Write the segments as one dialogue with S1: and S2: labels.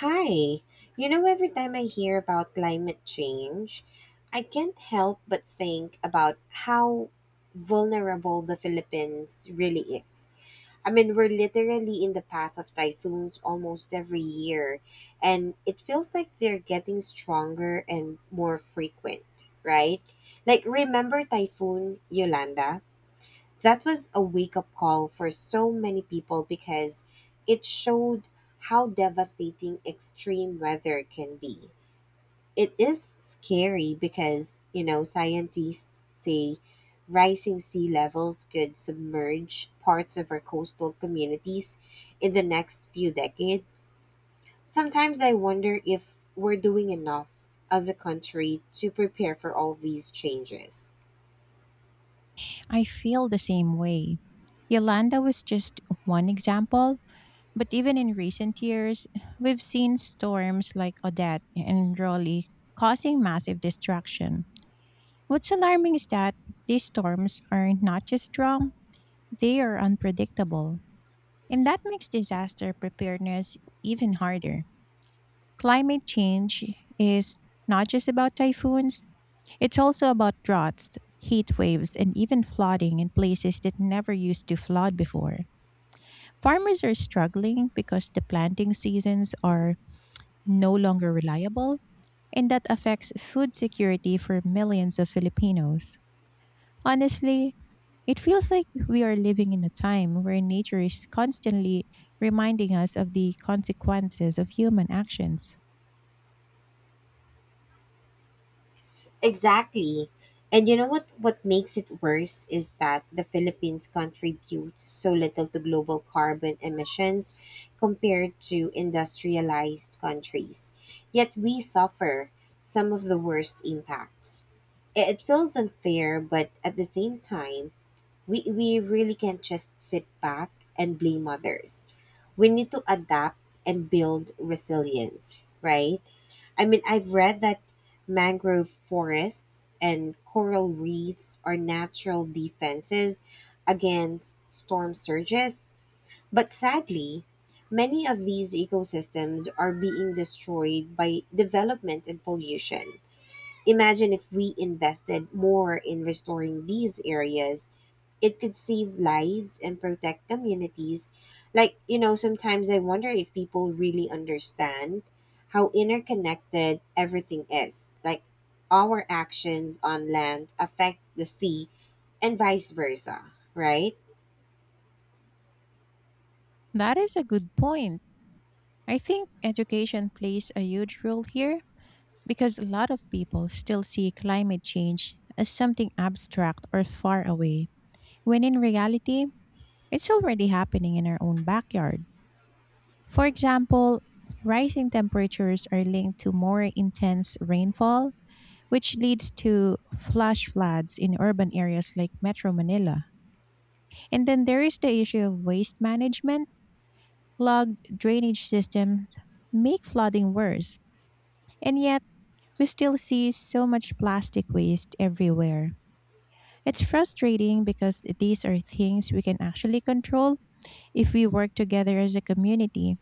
S1: Hi. You know, every time I hear about climate change, I can't help but think about how vulnerable the Philippines really is. I mean, we're literally in the path of typhoons almost every year, and it feels like they're getting stronger and more frequent, right? Like, remember Typhoon Yolanda? That was a wake up call for so many people because it showed how devastating extreme weather can be. It is scary because, scientists say rising sea levels could submerge parts of our coastal communities in the next few decades. Sometimes I wonder if we're doing enough as a country to prepare for all these changes.
S2: I feel the same way. Yolanda was just one example, but even in recent years, we've seen storms like Odette and Rolly causing massive destruction. What's alarming is that these storms are not just strong, they are unpredictable. And that makes disaster preparedness even harder. Climate change is not just about typhoons, it's also about droughts, heat waves, and even flooding in places that never used to flood before. Farmers are struggling because the planting seasons are no longer reliable, and that affects food security for millions of Filipinos. Honestly, it feels like we are living in a time where nature is constantly reminding us of the consequences of human actions.
S1: Exactly. And you know what makes it worse is that the Philippines contributes so little to global carbon emissions compared to industrialized countries. Yet we suffer some of the worst impacts. It feels unfair, but at the same time, we really can't just sit back and blame others. We need to adapt and build resilience, right? I mean, I've read that mangrove forests and coral reefs are natural defenses against storm surges, but sadly, many of these ecosystems are being destroyed by development and pollution. Imagine if we invested more in restoring these areas. It could save lives and protect communities. Like, sometimes I wonder if people really understand how interconnected everything is. Like, our actions on land affect the sea and vice versa, right?
S2: That is a good point. I think education plays a huge role here because a lot of people still see climate change as something abstract or far away, when in reality, it's already happening in our own backyard. For example, rising temperatures are linked to more intense rainfall, which leads to flash floods in urban areas like Metro Manila. And then there is the issue of waste management. Clogged drainage systems make flooding worse. And yet, we still see so much plastic waste everywhere. It's frustrating because these are things we can actually control if we work together as a community.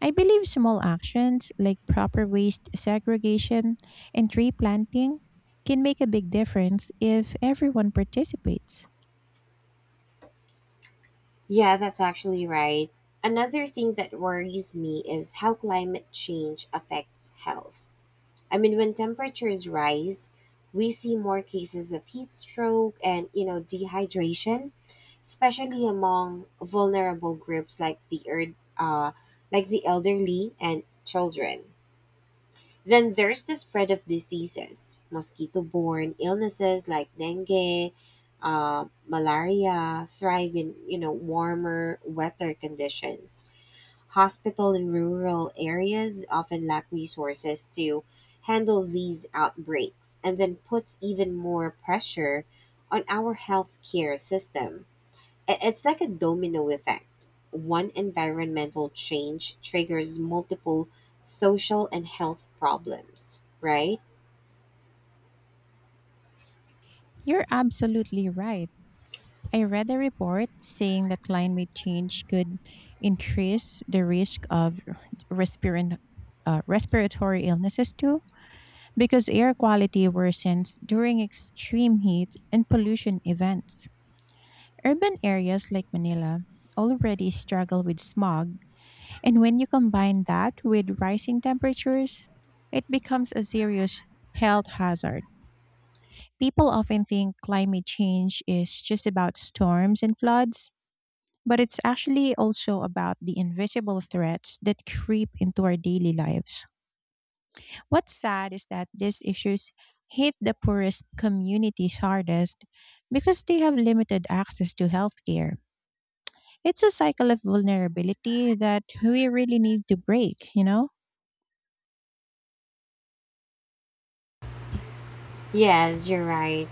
S2: I believe small actions like proper waste segregation and tree planting can make a big difference if everyone participates.
S1: Yeah, that's actually right. Another thing that worries me is how climate change affects health. I mean, when temperatures rise, we see more cases of heat stroke and, dehydration, especially among vulnerable groups like like the elderly and children. Then there's the spread of diseases, mosquito-borne illnesses like dengue, malaria thrive in, warmer, wetter conditions. Hospital in rural areas often lack resources to handle these outbreaks and then puts even more pressure on our healthcare system. It's like a domino effect. One environmental change triggers multiple social and health problems, right?
S2: You're absolutely right. I read a report saying that climate change could increase the risk of respirant, respiratory illnesses too because air quality worsens during extreme heat and pollution events. Urban areas like Manila already struggle with smog, and when you combine that with rising temperatures, it becomes a serious health hazard. People often think climate change is just about storms and floods, but it's actually also about the invisible threats that creep into our daily lives. What's sad is that these issues hit the poorest communities hardest because they have limited access to healthcare. It's a cycle of vulnerability that we really need to break, you know?
S1: Yes, you're right.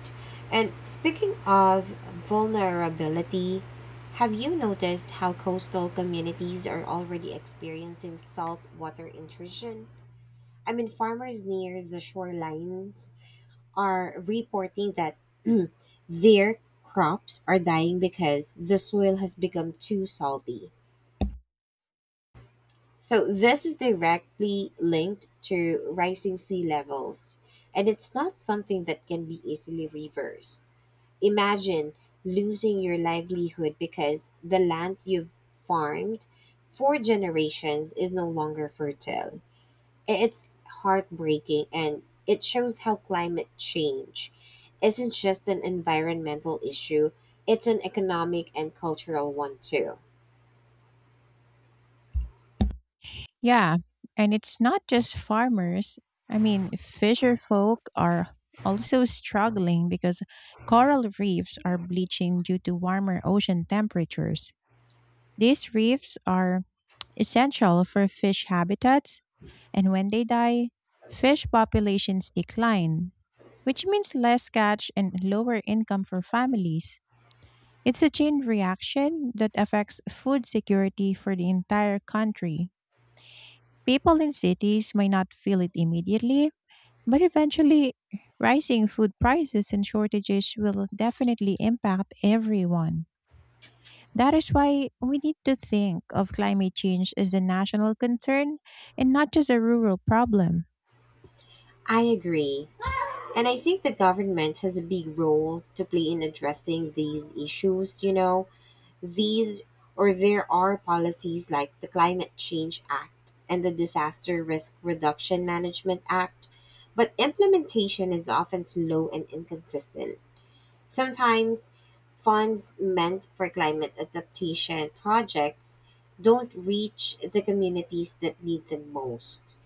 S1: And speaking of vulnerability, have you noticed how coastal communities are already experiencing saltwater intrusion? I mean, farmers near the shorelines are reporting that their crops are dying because the soil has become too salty. So this is directly linked to rising sea levels, and it's not something that can be easily reversed. Imagine losing your livelihood because the land you've farmed for generations is no longer fertile. It's heartbreaking and it shows how climate change isn't just an environmental issue, it's an economic and cultural one too.
S2: Yeah, and it's not just farmers. I mean, fisher folk are also struggling because coral reefs are bleaching due to warmer ocean temperatures. These reefs are essential for fish habitats, and when they die, fish populations decline, which means less catch and lower income for families. It's a chain reaction that affects food security for the entire country. People in cities may not feel it immediately, but eventually, rising food prices and shortages will definitely impact everyone. That is why we need to think of climate change as a national concern and not just a rural problem.
S1: I agree. And I think the government has a big role to play in addressing these issues. These or There are policies like the Climate Change Act and the Disaster Risk Reduction Management Act, but implementation is often slow and inconsistent. Sometimes funds meant for climate adaptation projects don't reach the communities that need them most.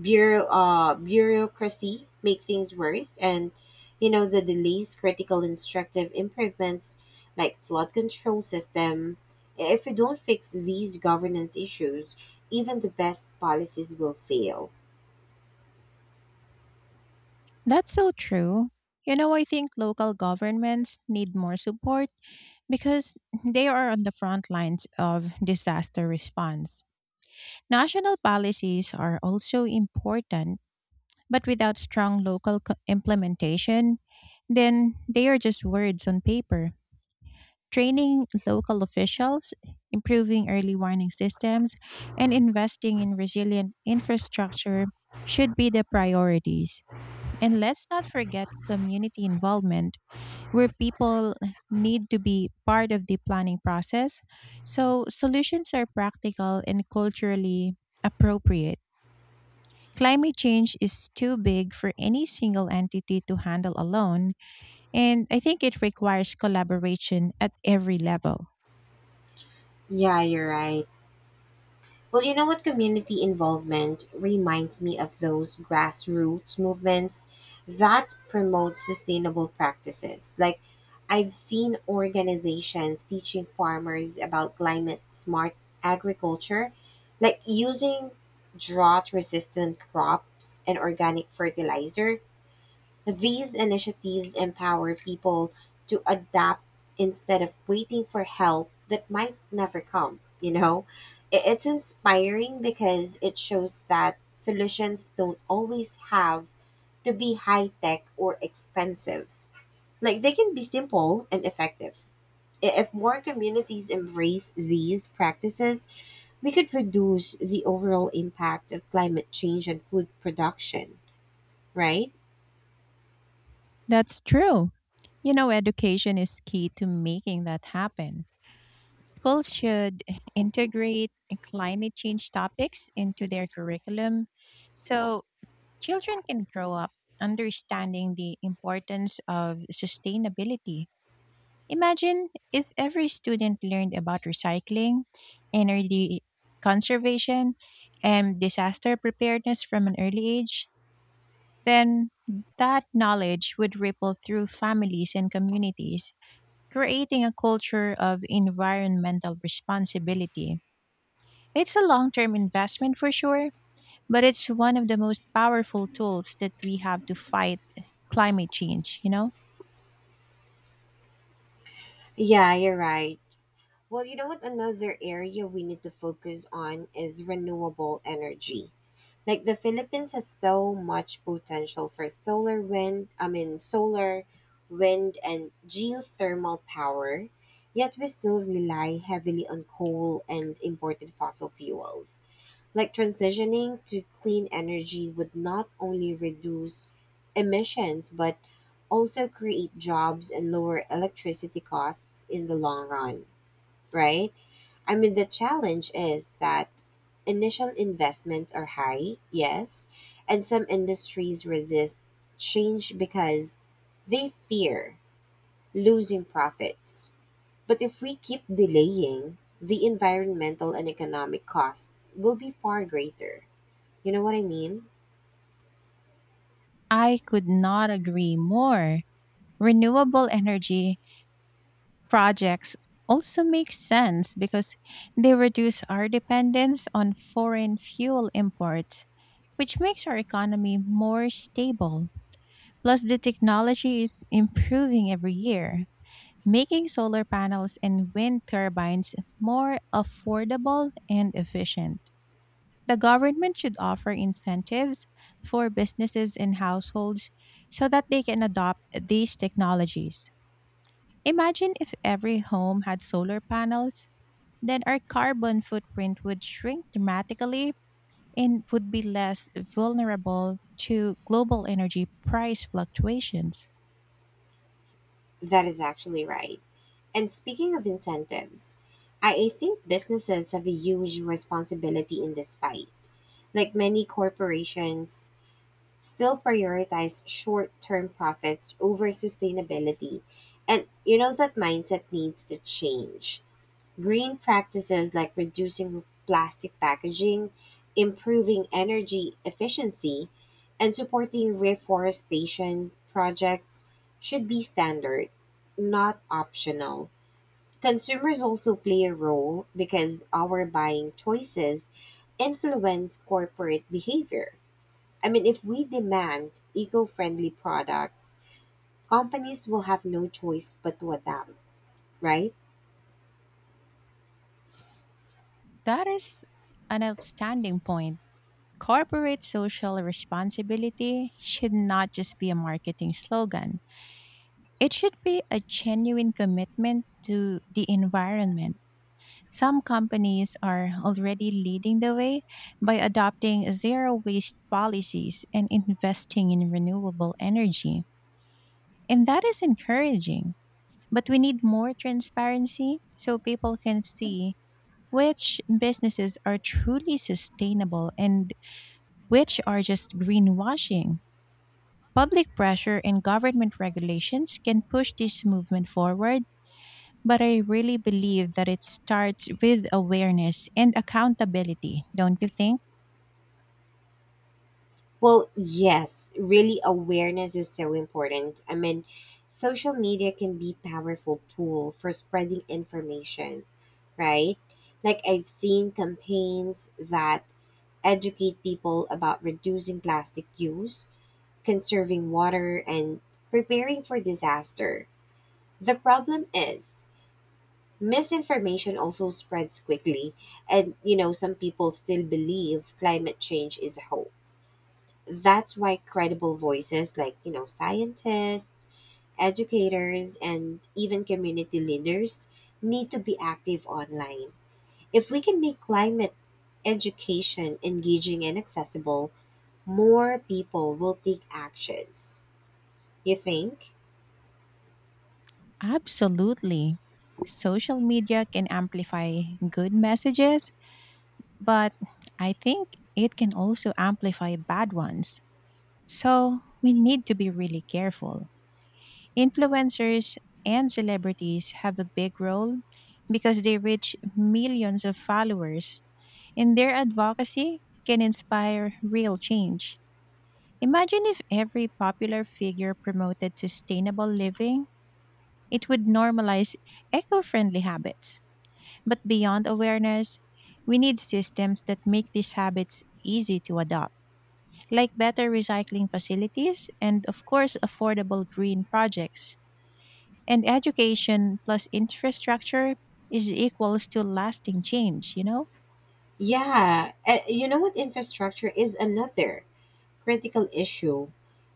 S1: Bureaucracy make things worse, and the delays critical instructive improvements like flood control system. If we don't fix these governance issues, even the best policies will fail.
S2: That's so true. You know, I think local governments need more support because they are on the front lines of disaster response. National policies are also important, but without strong implementation, then they are just words on paper. Training local officials, improving early warning systems, and investing in resilient infrastructure should be the priorities. And let's not forget community involvement, where people need to be part of the planning process so solutions are practical and culturally appropriate. Climate change is too big for any single entity to handle alone, and I think it requires collaboration at every level.
S1: Yeah, you're right. Well, you know what? Community involvement reminds me of those grassroots movements that promote sustainable practices. Like, I've seen organizations teaching farmers about climate smart agriculture, like using drought resistant crops and organic fertilizer. These initiatives empower people to adapt instead of waiting for help that might never come, you know? It's inspiring because it shows that solutions don't always have to be high tech or expensive. Like, they can be simple and effective. If more communities embrace these practices, we could reduce the overall impact of climate change on food production, right?
S2: That's true. You know, education is key to making that happen. Schools should integrate climate change topics into their curriculum so children can grow up understanding the importance of sustainability. Imagine if every student learned about recycling, energy conservation, and disaster preparedness from an early age, then that knowledge would ripple through families and communities, creating a culture of environmental responsibility. It's a long term investment for sure, but it's one of the most powerful tools that we have to fight climate change, you know?
S1: Yeah, you're right. Well, you know what? Another area we need to focus on is renewable energy. Like the Philippines has so much potential for solar wind, I mean, solar, wind, and geothermal power, yet we still rely heavily on coal and imported fossil fuels. Like transitioning to clean energy would not only reduce emissions, but also create jobs and lower electricity costs in the long run, right? I mean, the challenge is that initial investments are high, yes, and some industries resist change because they fear losing profits. But if we keep delaying, the environmental and economic costs will be far greater. You know what I mean?
S2: I could not agree more. Renewable energy projects also make sense because they reduce our dependence on foreign fuel imports, which makes our economy more stable. Plus, the technology is improving every year, making solar panels and wind turbines more affordable and efficient. The government should offer incentives for businesses and households so that they can adopt these technologies. Imagine if every home had solar panels, then our carbon footprint would shrink dramatically and would be less vulnerable to global energy price fluctuations.
S1: That is actually right. And speaking of incentives, I think businesses have a huge responsibility in this fight. Like many corporations still prioritize short-term profits over sustainability. And you know that mindset needs to change. Green practices like reducing plastic packaging, improving energy efficiency, and supporting reforestation projects should be standard, not optional. Consumers also play a role because our buying choices influence corporate behavior. I mean, if we demand eco friendly products, companies will have no choice but to adapt, right?
S2: That is an outstanding point. Corporate social responsibility should not just be a marketing slogan. It should be a genuine commitment to the environment. Some companies are already leading the way by adopting zero waste policies and investing in renewable energy. And that is encouraging. But we need more transparency so people can see which businesses are truly sustainable and which are just greenwashing. Public pressure and government regulations can push this movement forward, but I really believe that it starts with awareness and accountability, don't you think?
S1: Well, yes, really, awareness is so important. I mean, social media can be powerful tool for spreading information, right? Like, I've seen campaigns that educate people about reducing plastic use, conserving water, and preparing for disaster. The problem is, misinformation also spreads quickly, and some people still believe climate change is a hoax. That's why credible voices like, scientists, educators, and even community leaders need to be active online. If we can make climate education engaging and accessible, more people will take actions, you think?
S2: Absolutely. Social media can amplify good messages, but I think it can also amplify bad ones. So we need to be really careful. Influencers and celebrities have a big role because they reach millions of followers, and their advocacy can inspire real change. Imagine if every popular figure promoted sustainable living, it would normalize eco friendly habits. But beyond awareness, we need systems that make these habits easy to adopt, like better recycling facilities and, of course, affordable green projects. And education plus infrastructure is equals to lasting change, you know?
S1: Yeah, you know what? Infrastructure is another critical issue.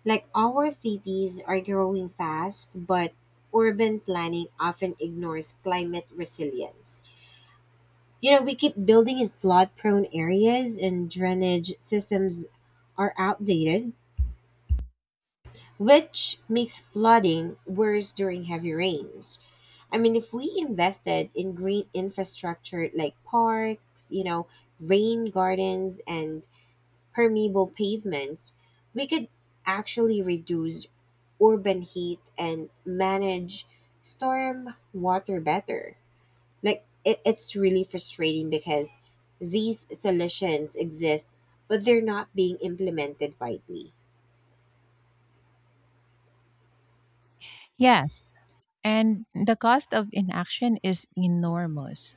S1: Like our cities are growing fast, but urban planning often ignores climate resilience. You know, we keep building in flood prone areas and drainage systems are outdated, which makes flooding worse during heavy rains. I mean, if we invested in green infrastructure like parks, rain gardens, and permeable pavements, we could actually reduce urban heat and manage storm water better. Like it's really frustrating because these solutions exist, but they're not being implemented widely.
S2: Yes, and the cost of inaction is enormous.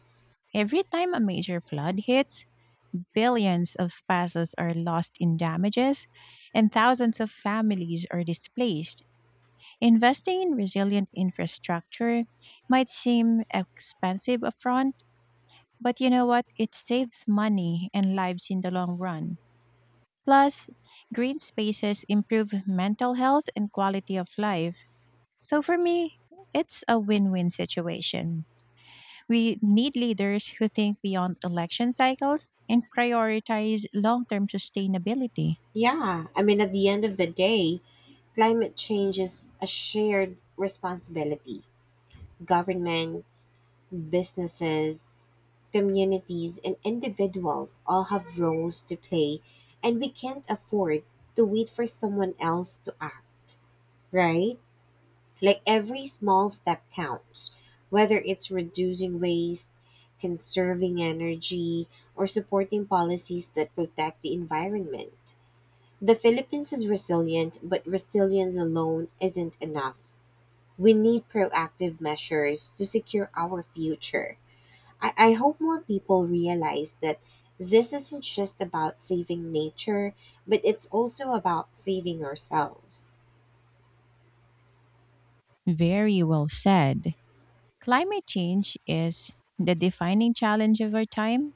S2: Every time a major flood hits, billions of pesos are lost in damages, and thousands of families are displaced. Investing in resilient infrastructure might seem expensive upfront, but you know what? It saves money and lives in the long run. Plus, green spaces improve mental health and quality of life. So for me, it's a win win situation. We need leaders who think beyond election cycles and prioritize long term sustainability.
S1: Yeah, I mean, at the end of the day, climate change is a shared responsibility. Governments, businesses, communities and individuals all have roles to play, and we can't afford to wait for someone else to act, right? Like every small step counts, whether it's reducing waste, conserving energy, or supporting policies that protect the environment. The Philippines is resilient, but resilience alone isn't enough. We need proactive measures to secure our future. I hope more people realize that this isn't just about saving nature, but it's also about saving ourselves.
S2: Very well said. Climate change is the defining challenge of our time,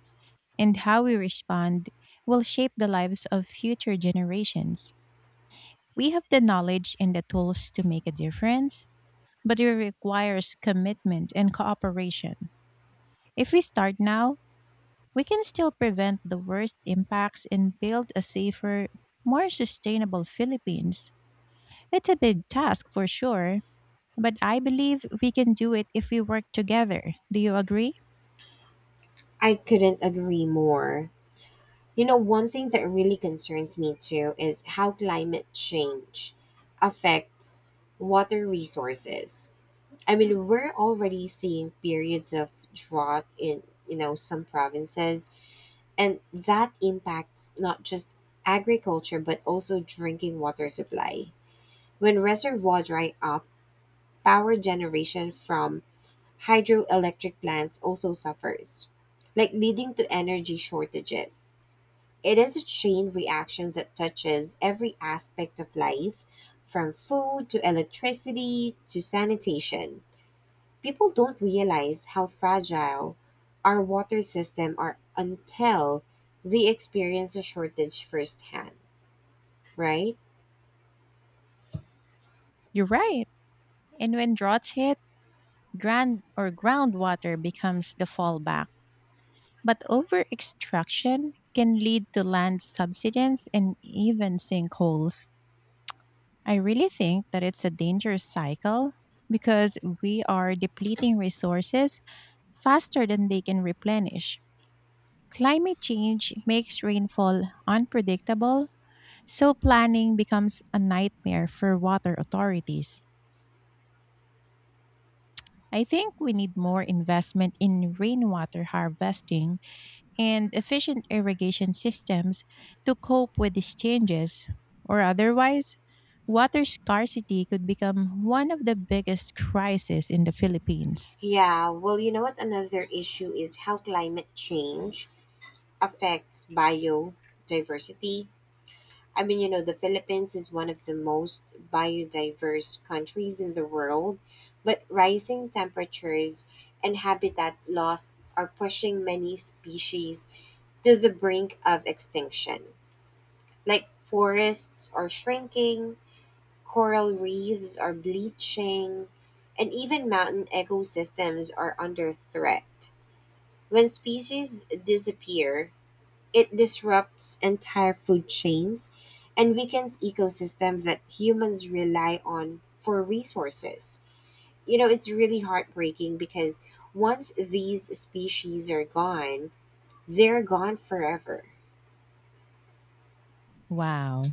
S2: and how we respond will shape the lives of future generations. We have the knowledge and the tools to make a difference, but it requires commitment and cooperation. If we start now, we can still prevent the worst impacts and build a safer, more sustainable Philippines. It's a big task for sure, but I believe we can do it if we work together. Do you agree?
S1: I couldn't agree more. You know, one thing that really concerns me too is how climate change affects water resources. I mean, we're already seeing periods of drought in, some provinces, and that impacts not just agriculture but also drinking water supply. When reservoirs dry up, power generation from hydroelectric plants also suffers, like leading to energy shortages. It is a chain reaction that touches every aspect of life, from food to electricity to sanitation. People don't realize how fragile our water system are until they experience a shortage firsthand, right?
S2: You're right. And when droughts hit, grand or groundwater becomes the fallback. But over extraction can lead to land subsidence and even sinkholes. I really think that it's a dangerous cycle because we are depleting resources faster than they can replenish. Climate change makes rainfall unpredictable, so planning becomes a nightmare for water authorities. I think we need more investment in rainwater harvesting and efficient irrigation systems to cope with these changes, or otherwise, water scarcity could become one of the biggest crises in the Philippines.
S1: Yeah, well, you know what? Another issue is how climate change affects biodiversity. I mean, the Philippines is one of the most biodiverse countries in the world, but rising temperatures and habitat loss are pushing many species to the brink of extinction. Like forests are shrinking, coral reefs are bleaching, and even mountain ecosystems are under threat. When species disappear, it disrupts entire food chains and weakens ecosystems that humans rely on for resources. You know, it's really heartbreaking because once these species are gone, they're gone forever.
S2: Wow.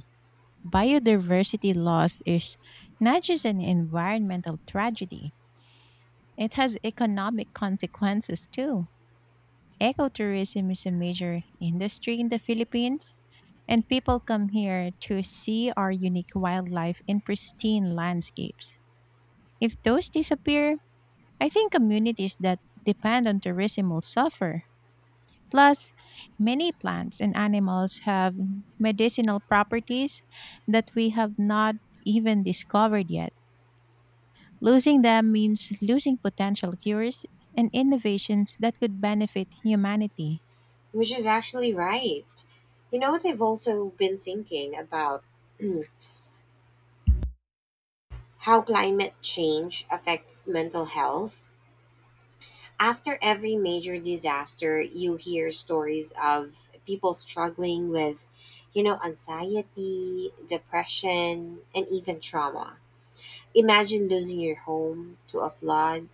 S2: Biodiversity loss is not just an environmental tragedy, it has economic consequences too. Ecotourism is a major industry in the Philippines, and people come here to see our unique wildlife in pristine landscapes. If those disappear, I think communities that depend on tourism will suffer. Plus, many plants and animals have medicinal properties that we have not even discovered yet. Losing them means losing potential cures and innovations that could benefit humanity.
S1: Which is actually right. You know what? I've also been thinking about how climate change affects mental health. After every major disaster, you hear stories of people struggling with, anxiety, depression, and even trauma. Imagine losing your home to a flood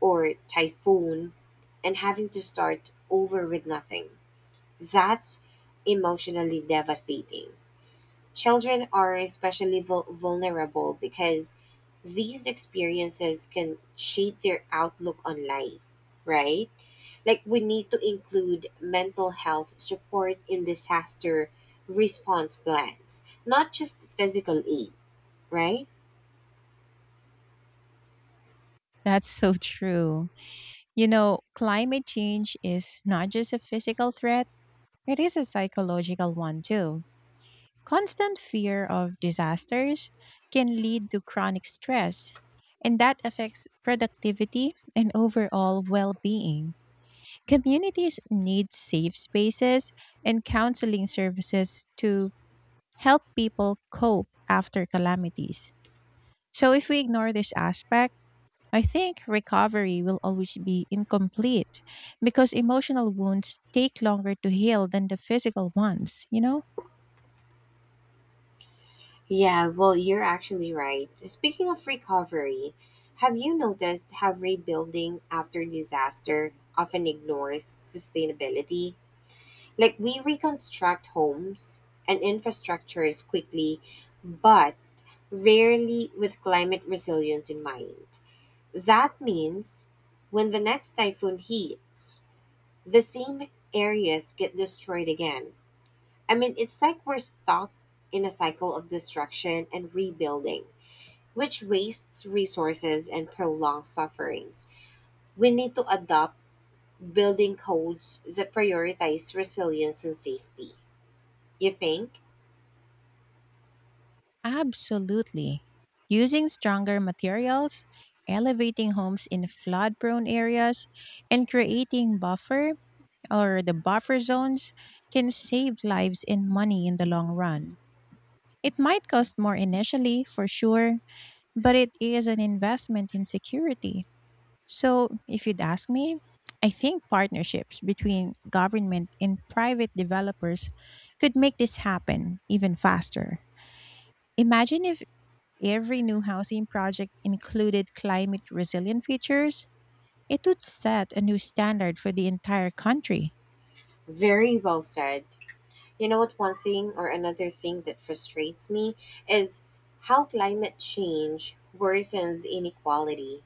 S1: or typhoon and having to start over with nothing. That's emotionally devastating. Children are especially vulnerable because these experiences can shape their outlook on life, right? Like we need to include mental health support in disaster response plans, not just physical aid, right?
S2: That's so true. You know, climate change is not just a physical threat, it is a psychological one too. Constant fear of disasters can lead to chronic stress, and that affects productivity and overall well being. Communities need safe spaces and counseling services to help people cope after calamities. So, if we ignore this aspect, I think recovery will always be incomplete because emotional wounds take longer to heal than the physical ones, you know?
S1: Yeah, well, you're actually right. Speaking of recovery, have you noticed how rebuilding after disaster often ignores sustainability? Like, we reconstruct homes and infrastructures quickly, but rarely with climate resilience in mind. That means when the next typhoon hits, the same areas get destroyed again. I mean, it's like we're stuck in a cycle of destruction and rebuilding, which wastes resources and prolongs sufferings. We need to adopt building codes that prioritize resilience and safety. You think?
S2: Absolutely. Using stronger materials, elevating homes in flood prone areas, and creating buffer or the buffer zones can save lives and money in the long run. It might cost more initially, for sure, but it is an investment in security. So, if you'd ask me, I think partnerships between government and private developers could make this happen even faster. Imagine if every new housing project included climate resilient features, it would set a new standard for the entire country.
S1: Very well said. You know what? One thing or Another thing that frustrates me is how climate change worsens inequality.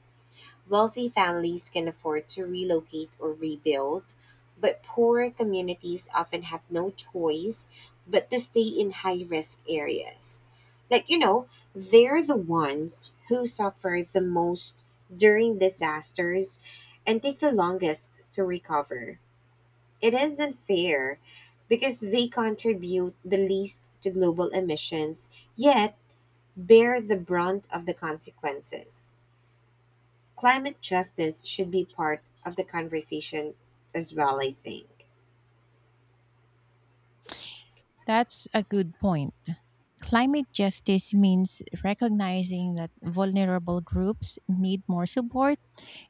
S1: Wealthy families can afford to relocate or rebuild, but poor communities often have no choice but to stay in high risk areas. Like, you know, they're the ones who suffer the most during disasters and take the longest to recover. It is unfair because they contribute the least to global emissions, yet bear the brunt of the consequences. Climate justice should be part of the conversation as well, I think.
S2: That's a good point. Climate justice means recognizing that vulnerable groups need more support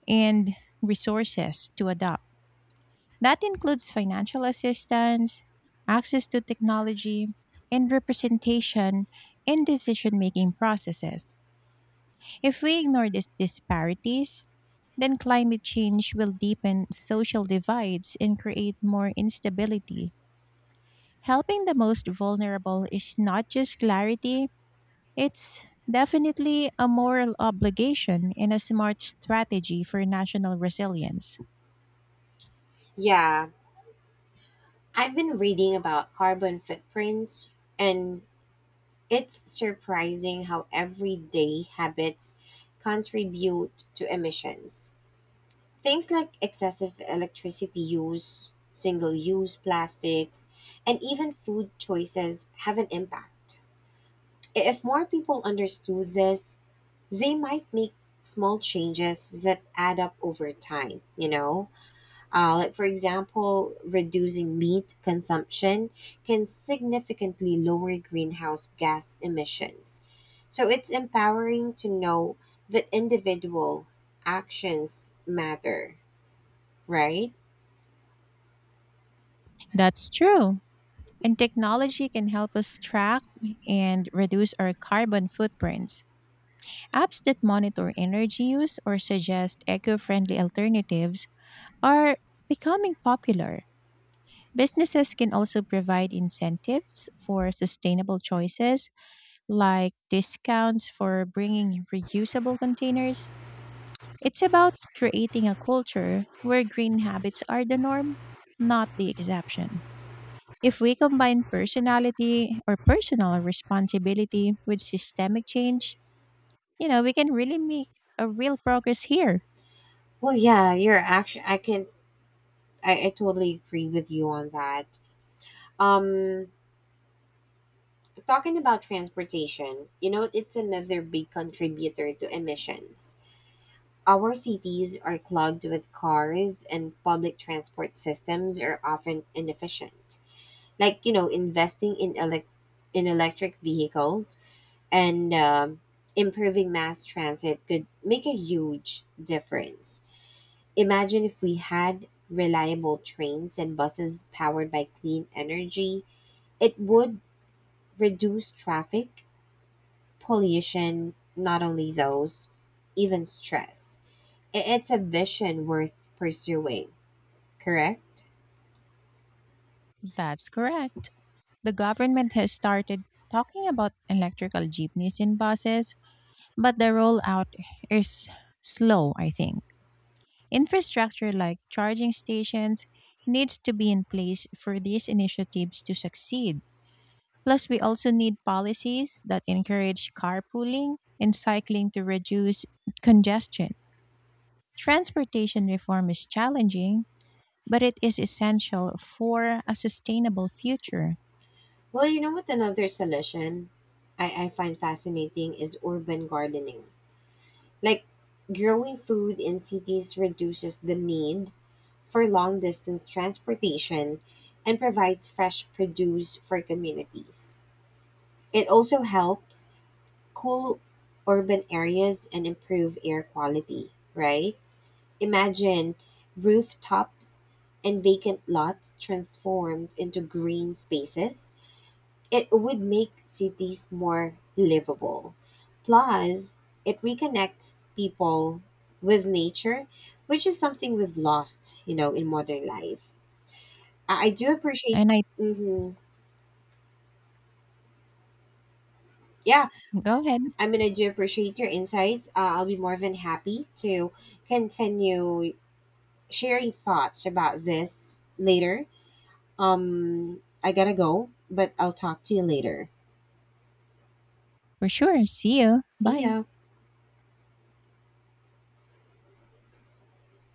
S2: and resources to adopt. That includes financial assistance, access to technology, and representation in decision making processes. If we ignore these disparities, then climate change will deepen social divides and create more instability. Helping the most vulnerable is not just clarity, it's definitely a moral obligation and a smart strategy for national resilience.
S1: Yeah, I've been reading about carbon footprints, and it's surprising how everyday habits contribute to emissions. Things like excessive electricity use, single use plastics, and even food choices have an impact. If more people understood this, they might make small changes that add up over time, like for example reducing meat consumption can significantly lower greenhouse gas emissions. So it's empowering to know that individual actions matter, right?
S2: That's true. And technology can help us track and reduce our carbon footprints. Apps that monitor energy use or suggest eco friendly alternatives are becoming popular. Businesses can also provide incentives for sustainable choices, like discounts for bringing reusable containers. It's about creating a culture where green habits are the norm, not the exception. If we combine personal responsibility with systemic change, you know, we can really make a real progress here.
S1: Well, yeah, you're actually. I can. I totally agree with you on that. Um, Talking about transportation, it's another big contributor to emissions. Our cities are clogged with cars, and public transport systems are often inefficient. Like, investing in electric vehicles and improving mass transit could make a huge difference. Imagine if we had reliable trains and buses powered by clean energy. It would reduce traffic, pollution, not only those, even stress. It's a vision worth pursuing, correct?
S2: That's correct. The government has started talking about electrical jeepneys in buses, but the rollout is slow, I think. Infrastructure like charging stations needs to be in place for these initiatives to succeed. Plus, we also need policies that encourage carpooling and cycling to reduce congestion. Transportation reform is challenging, but it is essential for a sustainable future.
S1: Well, you know what? Another solution I find fascinating is urban gardening. Like, growing food in cities reduces the need for long-distance transportation and provides fresh produce for communities. It also helps cool urban areas and improve air quality, right? Imagine rooftops and vacant lots transformed into green spaces. It would make cities more livable. Plus, it reconnects people with nature, which is something we've lost, in modern life. I do appreciate.
S2: And I,
S1: hmm Yeah,
S2: go ahead.
S1: I mean, I do appreciate your insights. I'll be more than happy to continue sharing thoughts about this later. I gotta go, but I'll talk to you later.
S2: For sure. See you.
S1: See
S2: Bye.
S1: ya.